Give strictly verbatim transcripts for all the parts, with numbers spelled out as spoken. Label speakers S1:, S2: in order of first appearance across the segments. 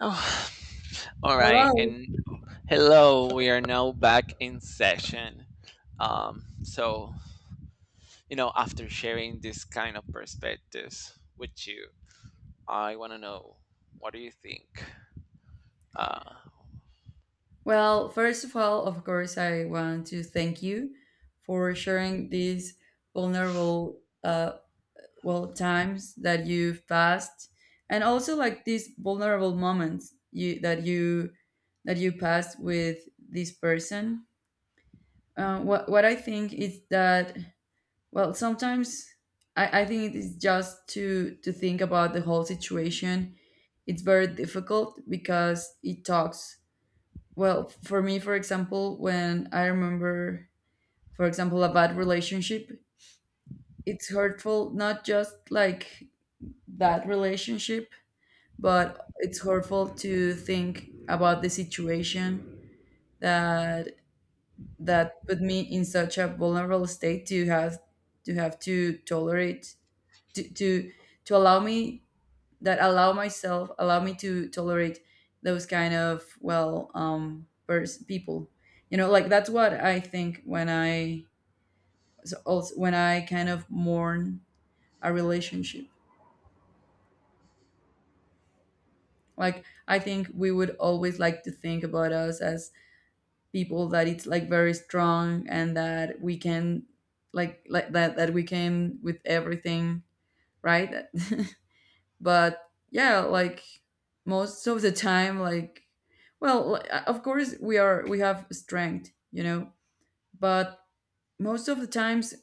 S1: Oh, all right.
S2: Hello.
S1: And hello, we are now back in session. Um, so, you know, After sharing this kind of perspectives with you, I want to know what do you think? Uh,
S2: Well, first of all, of course, I want to thank you for sharing these vulnerable, uh, well, times that you've passed, and also like these vulnerable moments you that you that you passed with this person. Uh, what what I think is that, well, sometimes I, I think it is just to to think about the whole situation. It's very difficult because it talks. Well, for me, for example, when I remember, for example, a bad relationship, it's hurtful not just like that relationship, but it's hurtful to think about the situation that that put me in such a vulnerable state to have to have to tolerate, to to, to allow me, that allow myself allow me to tolerate those kind of, well, um pers- people. You know, like, that's what I think when I, so also when I kind of mourn a relationship, like I think we would always like to think about us as people that it's like very strong and that we can, like like that that we can with everything, right? But yeah, like, most of the time, like, well, li- uh, of course, we are we have strength, you know, but most of the times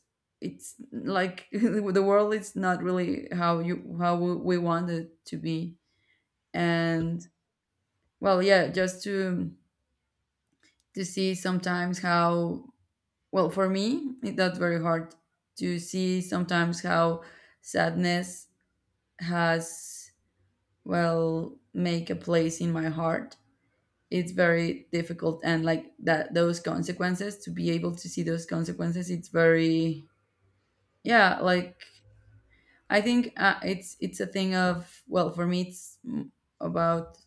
S2: it's like the world is not really how you how we we want it to be. And well, yeah, just to to see sometimes how, well for me it, that's very hard, to see sometimes how sadness has, well, make a place in my heart. It's very difficult, and like, that those consequences, to be able to see those consequences, it's very, yeah, like, i think uh, it's it's a thing of, well, for me it's mm, about,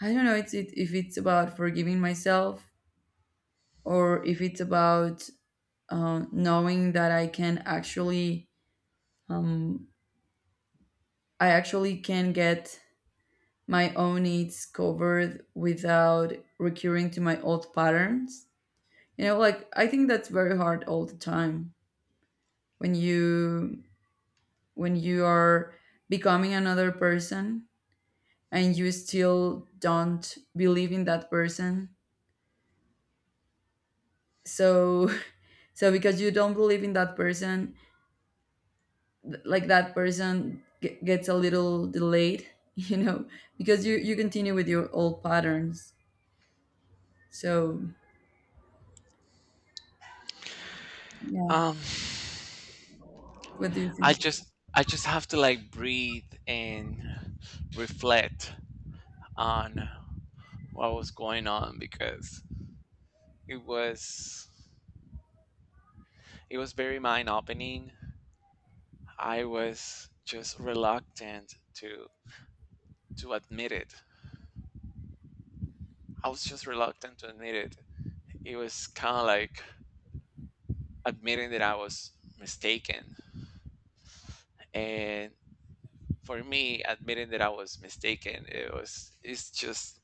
S2: I don't know, it's it, if it's about forgiving myself, or if it's about, um, knowing that I can actually, um, I actually can get my own needs covered without recurring to my old patterns. You know, like, I think that's very hard all the time, when you, when you are becoming another person and you still don't believe in that person, so so because you don't believe in that person, th- like, that person g- gets a little delayed. You know, because you you continue with your old patterns. So, yeah,
S1: um,
S2: what do you
S1: I
S2: think?
S1: just I just have to like breathe and reflect on what was going on because it was it was very mind opening. I was just reluctant to. To admit it. I was just reluctant to admit it. It was kind of like admitting that I was mistaken. And for me, admitting that I was mistaken, it was it's just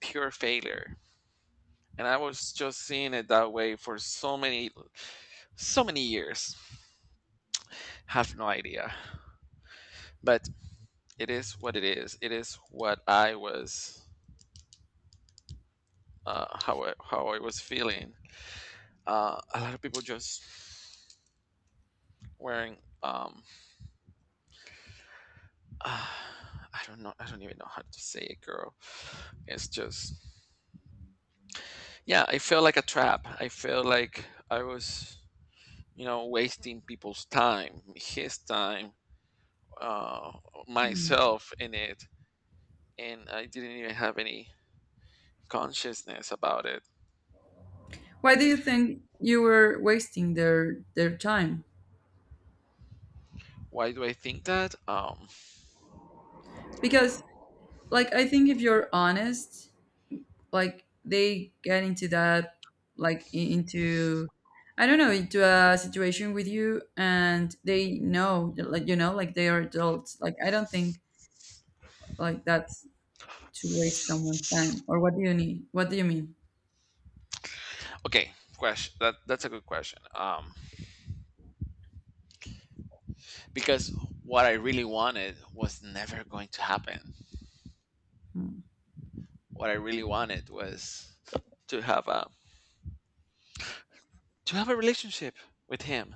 S1: pure failure. And I was just seeing it that way for so many so many years. Have no idea. But it is what it is. It is what I was uh, how I, how I was feeling. Uh, a lot of people just wearing um, uh, I don't know. I don't even know how to say it, girl. It's just, yeah, I felt like a trap. I felt like I was, you know, wasting people's time, his time, uh,
S2: Hmm.
S1: myself in it, and I didn't even have any consciousness about it.
S2: Why do you think you were wasting their their time?
S1: Why do I think that? Um,
S2: Because, like, I think if you're honest, like, they get into that, like, i- into, I don't know, into a situation with you, and they know, like, you know, like they are adults. Like, I don't think like that's to waste someone's time, or what do you need, what do you mean?
S1: okay, question. That that's a good question. Um, because what I really wanted was never going to happen.
S2: Hmm,
S1: What I really wanted was to have a to have a relationship with him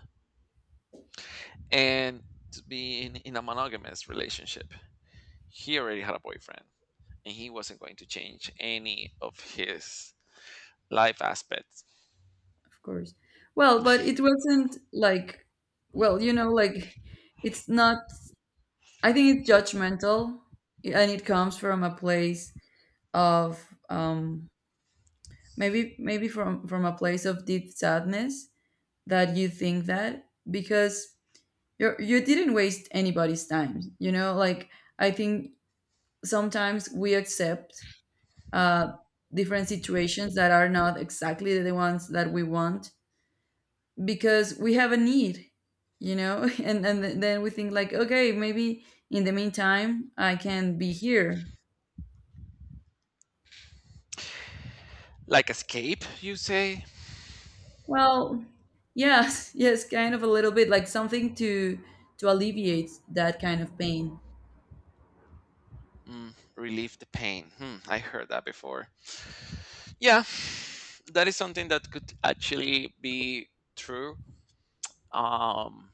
S1: and to be in, in a monogamous relationship. He already had a boyfriend and he wasn't going to change any of his life aspects.
S2: of course. Well, but it wasn't like, well, you know, like, it's not, I think it's judgmental, and it comes from a place of, um maybe, maybe from from a place of deep sadness, that you think that, because you you didn't waste anybody's time. You know, like, I think sometimes we accept, uh, different situations that are not exactly the ones that we want, because we have a need. You know, and and then we think like, okay, maybe in the meantime I can be here.
S1: Like escape, you say?
S2: Well, yes, yes, kind of a little bit like something to to alleviate that kind of pain.
S1: Mm, relieve the pain. Hmm, I heard that before. Yeah, that is something that could actually be true. Um,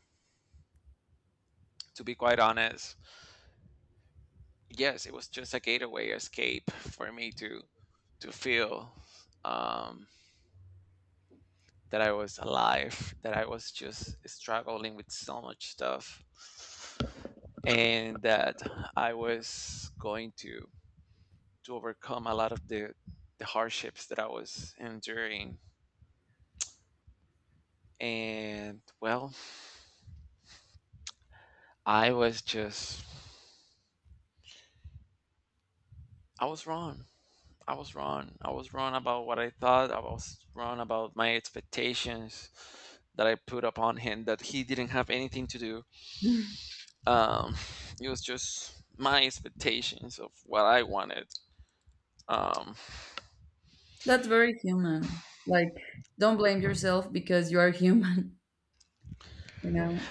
S1: to be quite honest, yes, it was just a gateway escape for me to to feel um, that I was alive, that I was just struggling with so much stuff, and that I was going to to overcome a lot of the the hardships that I was enduring. And well, I was just I was wrong. I was wrong. I was wrong about what I thought. I was wrong about my expectations that I put upon him that he didn't have anything to do, um, it was just my expectations of what I wanted. Um,
S2: That's very human. Like, don't blame yourself, because you are human, you know?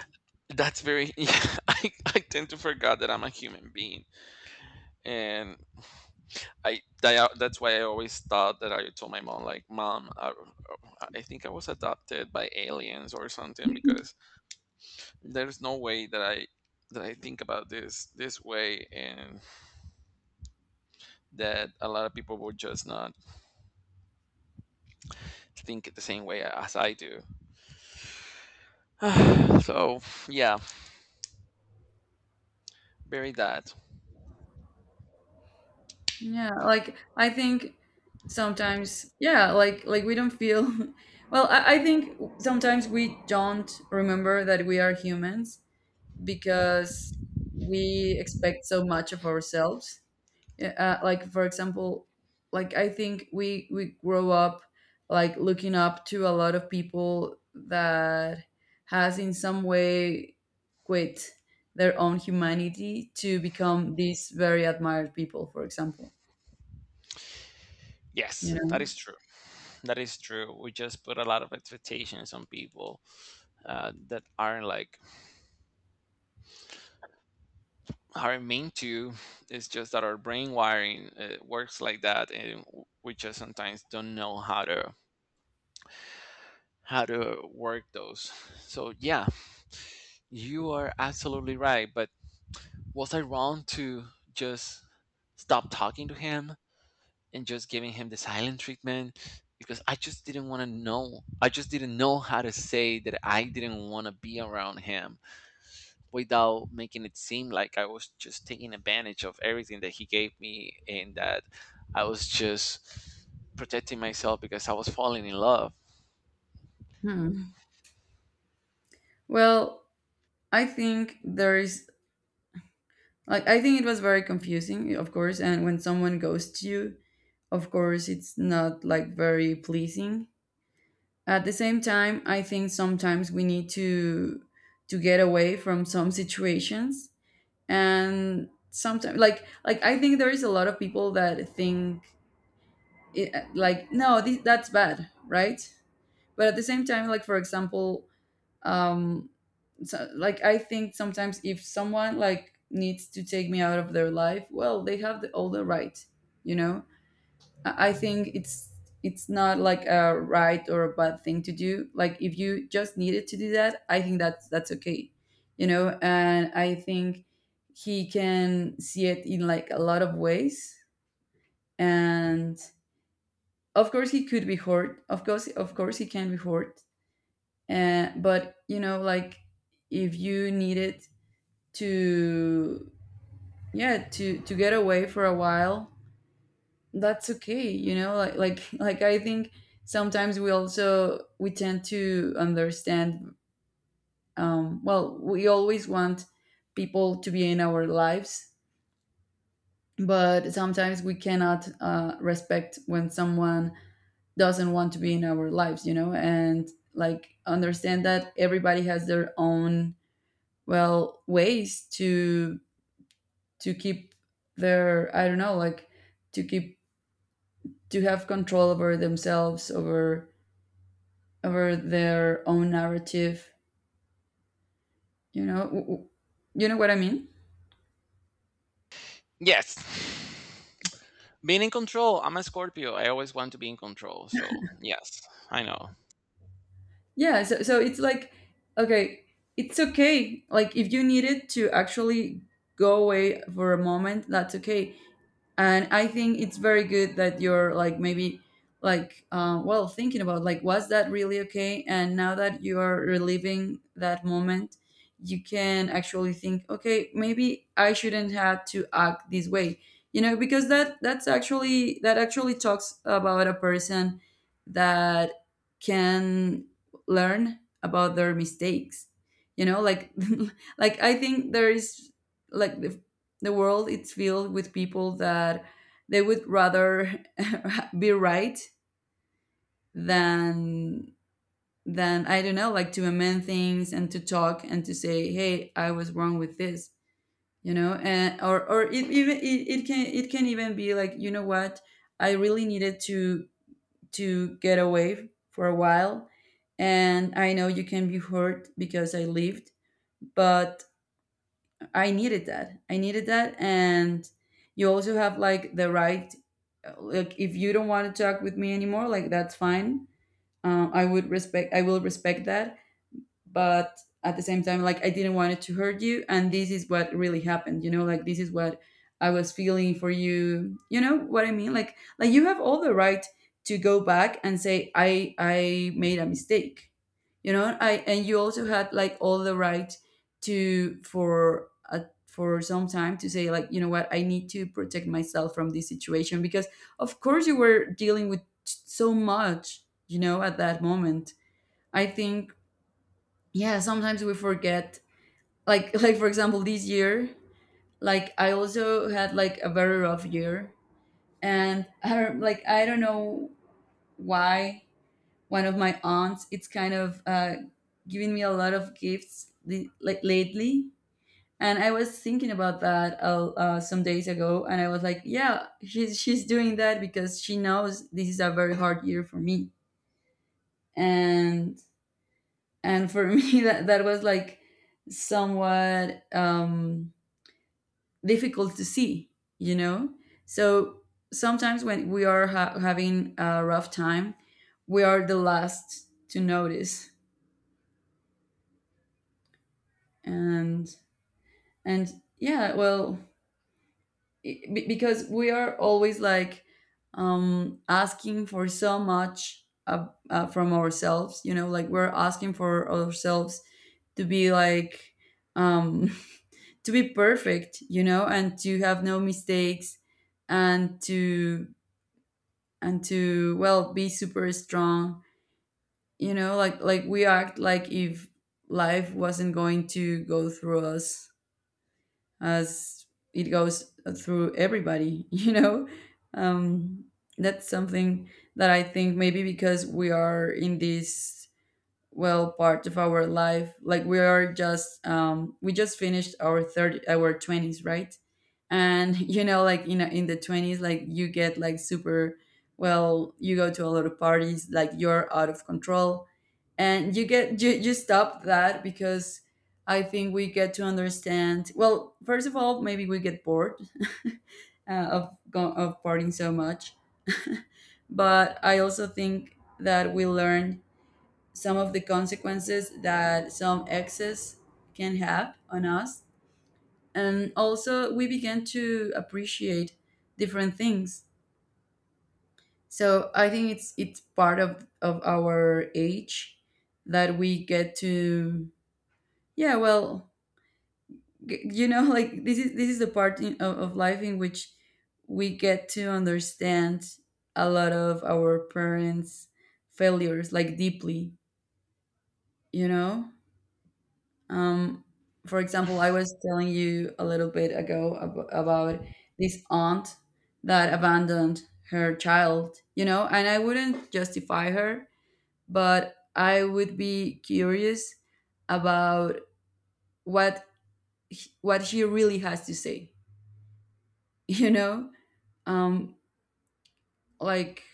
S1: that's very. Yeah, I, I tend to forget that I'm a human being, and I that, that's why I always thought that I told my mom like, "Mom, I, I think I was adopted by aliens or something," because there's no way that I that I think about this this way, and that a lot of people would just not think the same way as I do. So yeah, very that.
S2: Yeah, like, I think sometimes, yeah, like, like we don't feel. Well, I, I think sometimes we don't remember that we are humans, because we expect so much of ourselves. Yeah, uh, like, for example, like, I think we we grow up like looking up to a lot of people that has in some way quit their own humanity to become these very admired people, for example, you
S1: Yes, that
S2: know.
S1: is true. That is true. We just put a lot of expectations on people uh, that aren't like aren't meant to. It's just that our brain wiring uh, works like that, and w- we just sometimes don't know how to how to work those. So yeah, you are absolutely right. But was I wrong to just stop talking to him? And just giving him the silent treatment because I just didn't want to know. I just didn't know how to say that I didn't want to be around him without making it seem like I was just taking advantage of everything that he gave me and that I was just protecting myself because I was falling in love.
S2: Hmm. Well, I think there is, like, I think it was very confusing, of course, and when someone goes to you, of course, it's not like very pleasing. At the same time, I think sometimes we need to to get away from some situations, and sometimes, like, like I think there is a lot of people that think it, like, no, thi- that's bad, right? But at the same time, like, for example, um so, like, I think sometimes if someone like needs to take me out of their life, well, they have the, all the right, you know? I I think it's it's not like a right or a bad thing to do. Like, if you just needed to do that, I think that's that's okay, you know. And I think he can see it in like a lot of ways. And of course, he could be hurt. Of course, of course, he can be hurt. And but, you know, like, if you needed to, yeah, to to get away for a while, that's okay, you know, like like like, I think sometimes we also, we tend to understand, um well, we always want people to be in our lives, but sometimes we cannot, uh, respect when someone doesn't want to be in our lives, you know, and like, understand that everybody has their own, well, ways to to keep their, I don't know, like, to keep, to have control over themselves, over over their own narrative, you know. W- w- you know what I mean?
S1: Yes. Being in control. I'm a Scorpio. I always want to be in control. So, yes, I know.
S2: Yeah, so, so it's like, okay, it's okay, like, if you needed to actually go away for a moment, that's okay. And I think it's very good that you're like, maybe, like, uh, well, thinking about like, was that really okay, and now that you are reliving that moment, you can actually think, okay, maybe I shouldn't have to act this way. You know, because that, that's actually, that actually talks about a person that can learn about their mistakes, you know, like like, I think there is, like, the world is filled with people that they would rather be right than, than I don't know, like, to amend things, and to talk, and to say, "Hey, I was wrong with this," you know, and or, or it, even it, it can, it can even be like, you know what, I really needed to to get away for a while, and I know you can be hurt because I lived, but I needed that. I needed that, and you also have, like, the right. Like, if you don't want to talk with me anymore, like, that's fine. Uh, I would respect. I will respect that, but at the same time, like, I didn't want it to hurt you, and this is what really happened, you know, like, this is what I was feeling for you. You know what I mean? like like you have all the right to go back and say, i i made a mistake, you know, I and you also had, like, all the right to, for uh, for some time, to say, like, you know what, I need to protect myself from this situation, because of course you were dealing with so much, you know, at that moment. I think, yeah, sometimes we forget, like like, for example, this year, like, I also had like a very rough year, and I don't- like, I don't know why one of my aunts, it's kind of uh giving me a lot of gifts, li- like, lately, and I was thinking about that, uh, uh, some days ago, and I was like, yeah, she's she's doing that because she knows this is a very hard year for me. and and for me, that that was like somewhat, um difficult to see, you know? So, sometimes when we are ha- having a rough time, we are the last to notice. And, and yeah, well, i be- because we are always like, um, asking for so much, uh, uh, from ourselves, you know, like, we're asking for ourselves to be like, um, to be perfect, you know, and to have no mistakes, and to, and to, well, be super strong. You know, like like we act like if life wasn't going to go through us as it goes through everybody. You know, um that's something that I think, maybe because we are in this, well, part of our life, like, we are just, um we just finished our thirty our twenties, right? And you know, like, you know, in the twenties, like, you get like super, well, you go to a lot of parties, like, you're out of control, and you get, you, you stop that, because I think we get to understand, well, first of all, maybe we get bored uh, of go- of partying so much. But I also think that we learn some of the consequences that some excess can have on us. And also, we began to appreciate different things. So I think it's it's part of of our age that we get to, yeah, well, g- you know like this is this is the part in, of, of life in which we get to understand a lot of our parents failures like deeply you know Um, for example, I was telling you a little bit ago ab- about this aunt that abandoned her child, you know, and I wouldn't justify her, but I would be curious about what he- what she really has to say. you know, um, like,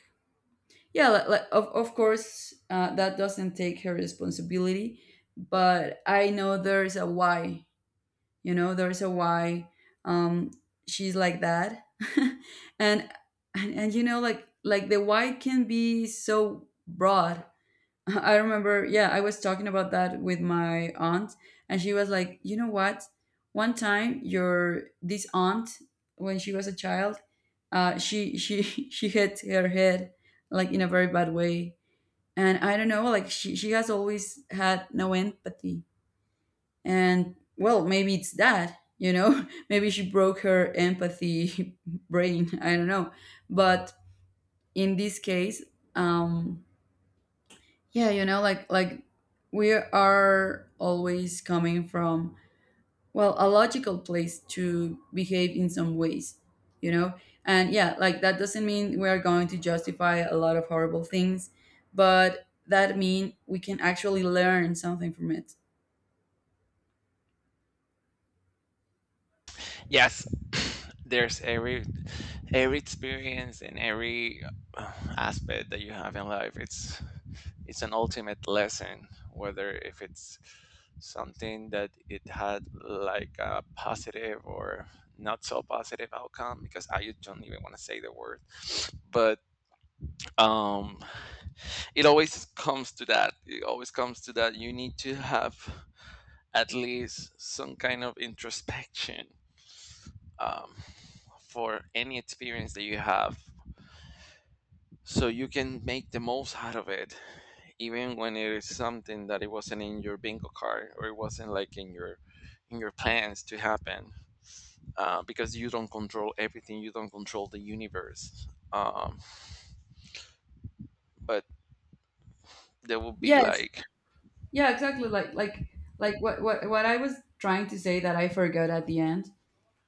S2: yeah, li- like, of of course, uh, that doesn't take her responsibility, but I know there's a why you know there's a why, um she's like that. and, and and you know like, like the why can be so broad. I remember, yeah, I was talking about that with my aunt, and she was like, you know what, one time your this aunt, when she was a child, uh she she she hit her head, like, in a very bad way. And I don't know, like, she she has always had no empathy. And, well, maybe it's that, you know maybe she broke her empathy brain, I don't know. But in this case, um yeah, you know like, like we are always coming from, well, a logical place to behave in some ways. You know and, yeah, like, that doesn't mean we are going to justify a lot of horrible things, but that mean we can actually learn something from it.
S1: Yes, there's every every experience and every uh, aspect that you have in life. It's it's an ultimate lesson, whether if it's something that it had like a positive or not so positive outcome because I don't even want to say the word, but um, it always comes to that. It always comes to that. You need to have at least some kind of introspection. Um, for any experience that you have so you can make the most out of it even when it is something that it wasn't in your bingo card or it wasn't like in your in your plans to happen, uh, because you don't control everything, you don't control the universe. um, but there will be
S2: Yes.
S1: like
S2: Yeah, exactly. Like like like what what what I was trying to say that I forgot at the end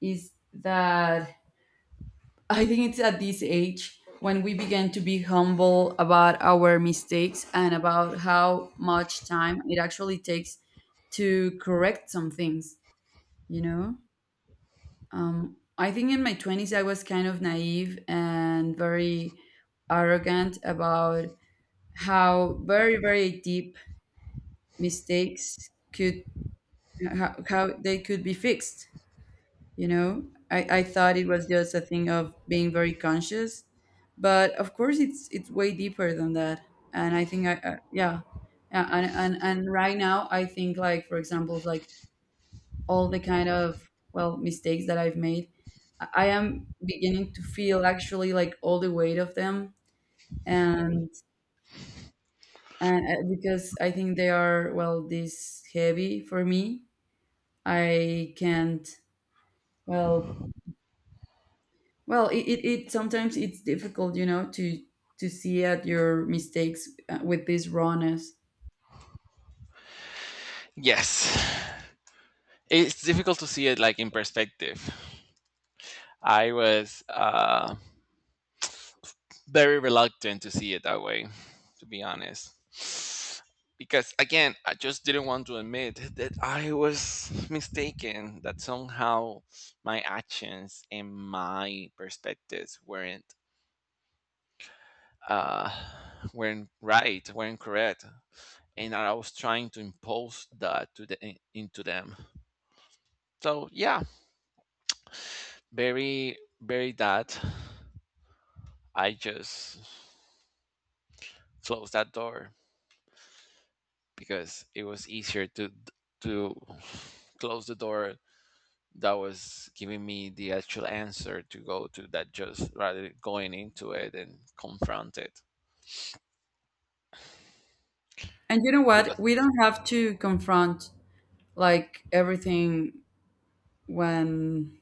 S2: is that I think it's at this age when we begin to be humble about our mistakes and about how much time it actually takes to correct some things, you know? Um I think in my twenties I was kind of naive and very arrogant about how very very deep mistakes could, how, how they could be fixed. you know I, I thought it was just a thing of being very conscious, but of course it's it's way deeper than that. And I think I, uh, yeah. Yeah, and, and and right now I think, like, for example, like, all the kind of, well, mistakes that I've made, i I am beginning to feel actually like all the weight of them. And, and uh, because I think they are, well, this heavy for me, I can't, well. Well, it, it, it sometimes it's difficult, you know, to to see at your mistakes, uh, with this rawness.
S1: yes, it's difficult to see it like in perspective. I was uh, very reluctant to see it that way, to be honest. Because again, I just didn't want to admit that I was mistaken, that somehow my actions and my perspectives weren't uh weren't right, weren't correct. And I was trying to impose that to the into them. So yeah, very very that. I just closed that door, because it was easier to to close the door that was giving me the actual answer to go to that just rather than going into it and confront it
S2: And you know
S1: because
S2: what? We don't have to confront, like, everything, when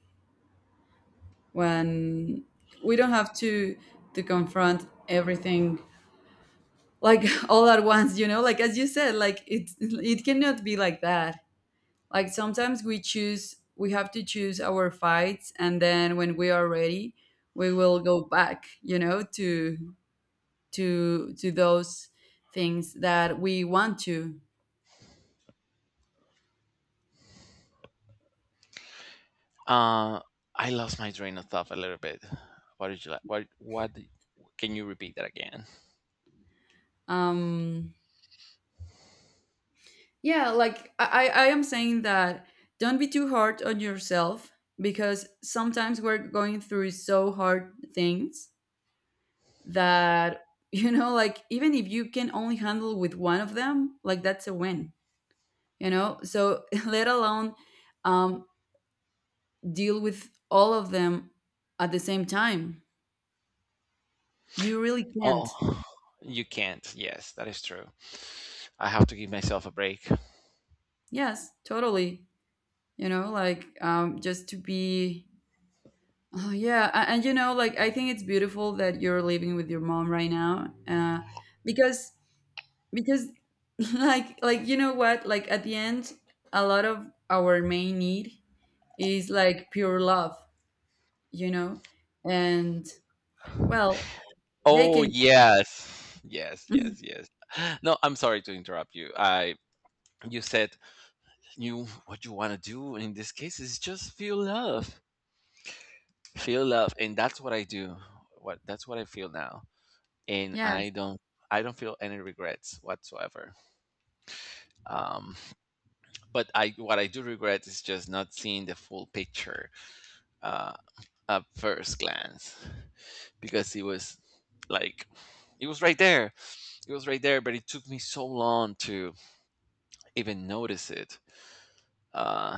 S2: when we don't have to to confront everything, like, all at once, you know? Like, as you said, like, it it cannot be like that. Like, sometimes we choose we have to choose our fights, and then when we are ready, we will go back, you know, to to to those things that we want to.
S1: uh I lost my train of thought a little bit. What did you like what what did- can you repeat that again?
S2: Um, yeah, like, I, I I am saying that don't be too hard on yourself, because sometimes we're going through so hard things that you know, like, even if you can only handle with one of them, like, that's a win, you know? So let alone, um, deal with all of them at the same time. You really
S1: Oh,
S2: can't.
S1: you can't, yes, that is true. I have to give myself a break.
S2: Yes, totally. You know, like, um just to be, oh, yeah. A- and you know, like, I think it's beautiful that you're living with your mom right now, uh because because like, like you know what, like, at the end, a lot of our main need is like pure love, you know and, well, they
S1: Oh,
S2: can.
S1: yes, yes, yes, yes. No, I'm sorry to interrupt you. I You said you, what you want to do in this case is just feel love. Feel love, and that's what I do. What That's what I feel now, and I
S2: Yes.
S1: don't, I don't feel any regrets whatsoever. um but I what I do regret is just not seeing the full picture, uh at first glance, because it was like it was right there. It was right there, but it took me so long to even notice it, uh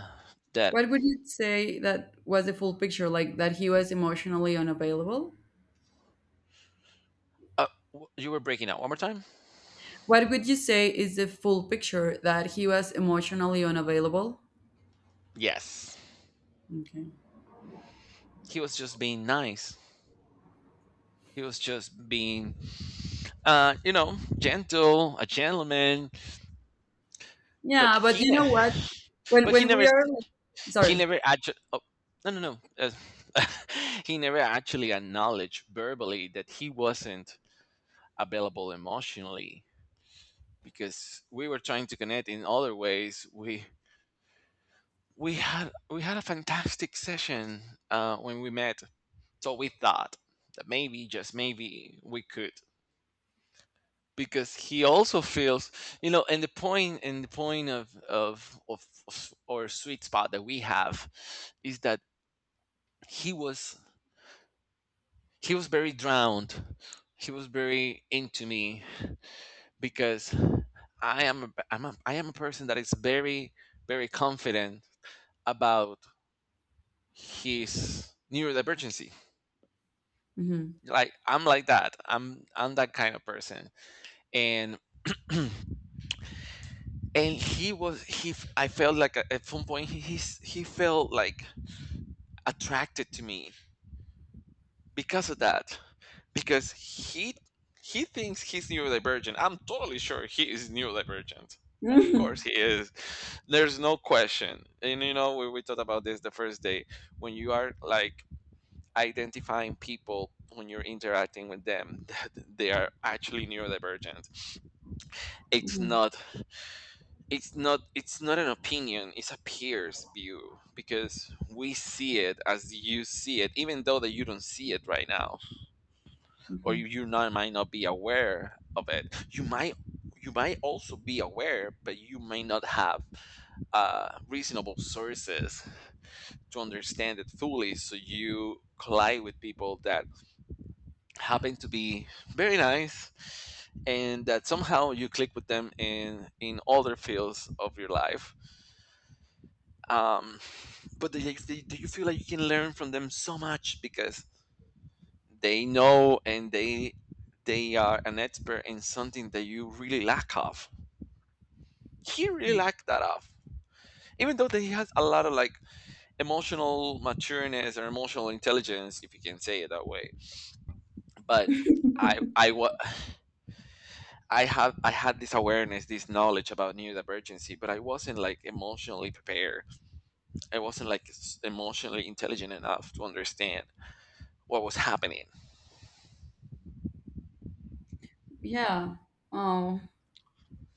S1: that
S2: What would you say that was the full picture, like, that he was emotionally unavailable?
S1: uh, w- you were breaking out one more time.
S2: What would you say is the full picture, that he was emotionally unavailable?
S1: Yes.
S2: Okay.
S1: He was just being nice. He was just being, uh, you know, gentle, a gentleman. But
S2: Yeah, but
S1: he,
S2: you know
S1: ne-
S2: what? When
S1: but he
S2: when
S1: never,
S2: we
S1: s-
S2: are like,
S1: he
S2: sorry.
S1: never actually. Oh, no, no, no. Uh, he never actually acknowledged verbally that he wasn't available emotionally because we were trying to connect in other ways. We we had we had a fantastic session uh, when we met. So we thought that maybe, just maybe, we could because he also feels, you know. And the point and the point of of of, of our sweet spot that we have is that he was he was very drowned. He was very into me because i am a, I'm a, I am a person that is very very confident about his neurodivergency.
S2: Hmm.
S1: Like I'm like that, i'm i'm that kind of person. And and he was he I felt like at at some point he he's, he felt like attracted to me because of that, because he he thinks he's neurodivergent. I'm totally sure he is neurodivergent. Of course
S2: Hmm.
S1: he is. There's no question. And you know, we, we talked about this the first day when you are like identifying people when you're interacting with them that they are actually neurodivergent. it's not it's not it's not an opinion, it's a peer's view, because we see it as you see it, even though that you don't see it right now, or
S2: Hmm.
S1: you, you not, might not be aware of it. You might you might also be aware, but you may not have uh, reasonable sources to understand it fully. So you collide with people that happen to be very nice, and that somehow you click with them in in other fields of your life. Um, but do you, do you feel like you can learn from them so much because they know and they they are an expert in something that you really lack of. He really lacked that of, even though that he has a lot of like emotional matureness or emotional intelligence if you can say it that way. But I I wa- I have I had this awareness, this knowledge about neurodivergency, but I wasn't like emotionally prepared. I wasn't like s- emotionally intelligent enough to understand what was happening.
S2: Yeah. Oh.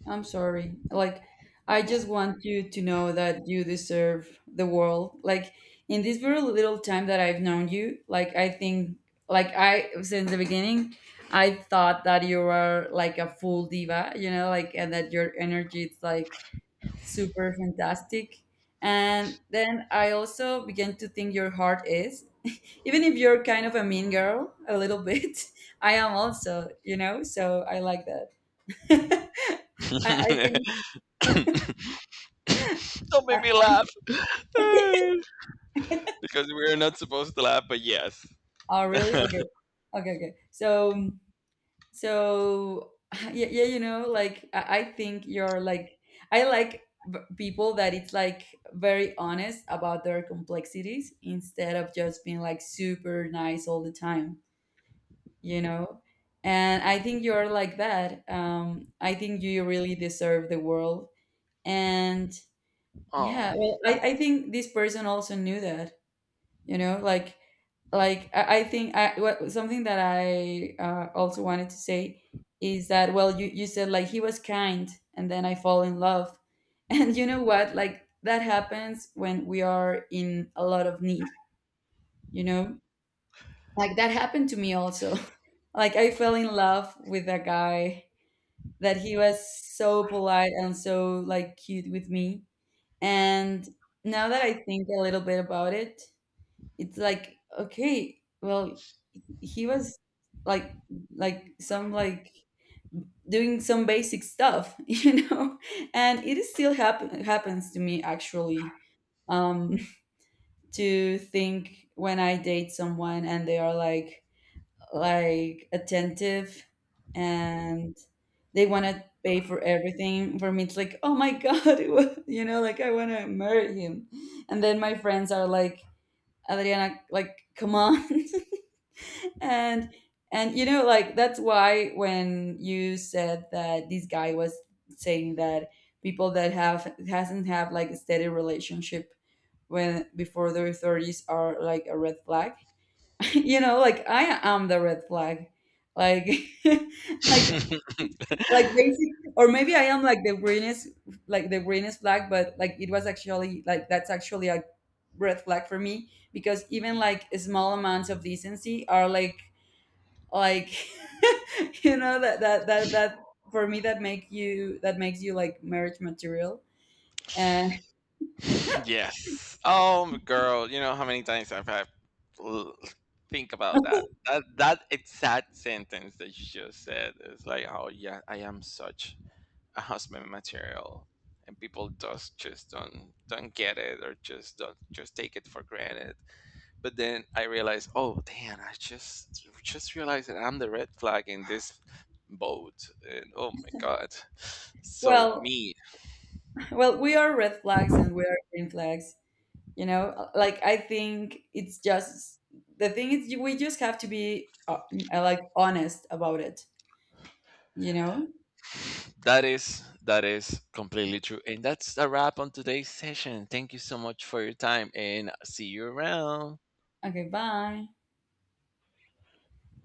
S2: I'm sorry. Like, I just want you to know that you deserve the world. Like, in this very little time that I've known you, like, I think, like, I, since the beginning, I thought that you were like a full diva, you know, like, and that your energy is like super fantastic. And then I also began to think your heart is, even if you're kind of a mean girl, a little bit, I am also, you know, so I like that. I, I think
S1: Don't
S2: I,
S1: make me laugh.
S2: I,
S1: Because we're not supposed to laugh, but yes.
S2: oh, really? Okay. Okay, okay. So, so yeah, yeah, you know, like, I, I think you're like, I like v- people that it's like very honest about their complexities instead of just being like super nice all the time, you know? And I think you're like that. Um, I think you really deserve the world. And,
S1: Oh,
S2: yeah, well, I, I think this person also knew that, you know, like like I, I think I what, something that I uh, also wanted to say is that, well, you you said, like, he was kind and then I fall in love. And you know what, like, that happens when we are in a lot of need, you know? Like, that happened to me also. Like, I fell in love with a guy that he was so polite and so, like, cute with me, and now that I think a little bit about it, it's like, okay, well, he was, like like some like doing some basic stuff. You know? And it is still happen happens to me actually. Um to think when I date someone and they are like like attentive, and they want to pay for everything for me, it's like, oh my god, it was, you know like, I want to marry him. And then my friends are like, Adriana, like, come on. and and you know like, that's why when you said that this guy was saying that people that have hasn't have, like, a steady relationship when before their thirties are like a red flag. You know, like, I am the red flag. Like, like like basic. Or maybe I am like the greenest, like the greenest flag. But, like, it was actually like, that's actually a red flag for me, because even like small amounts of decency are like, like you know, that that that that for me that make you that makes you like marriage material. And
S1: yes. Oh, girl, you know how many times I've had l- think about that. That that exact sentence that you just said is like, oh yeah, I am such a husband material, and people just just don't don't get it, or just don't just take it for granted. But then I realized, oh damn, I just just realized that I'm the red flag in this boat. And oh my god. So
S2: well,
S1: me,
S2: well we are red flags and we are green flags. You know, like, I think it's just, the thing is, you- we just have to be, uh, like, honest about it you know
S1: that is that is completely true. And that's a wrap on today's session. Thank you so much for your time and see you around.
S2: okay, bye.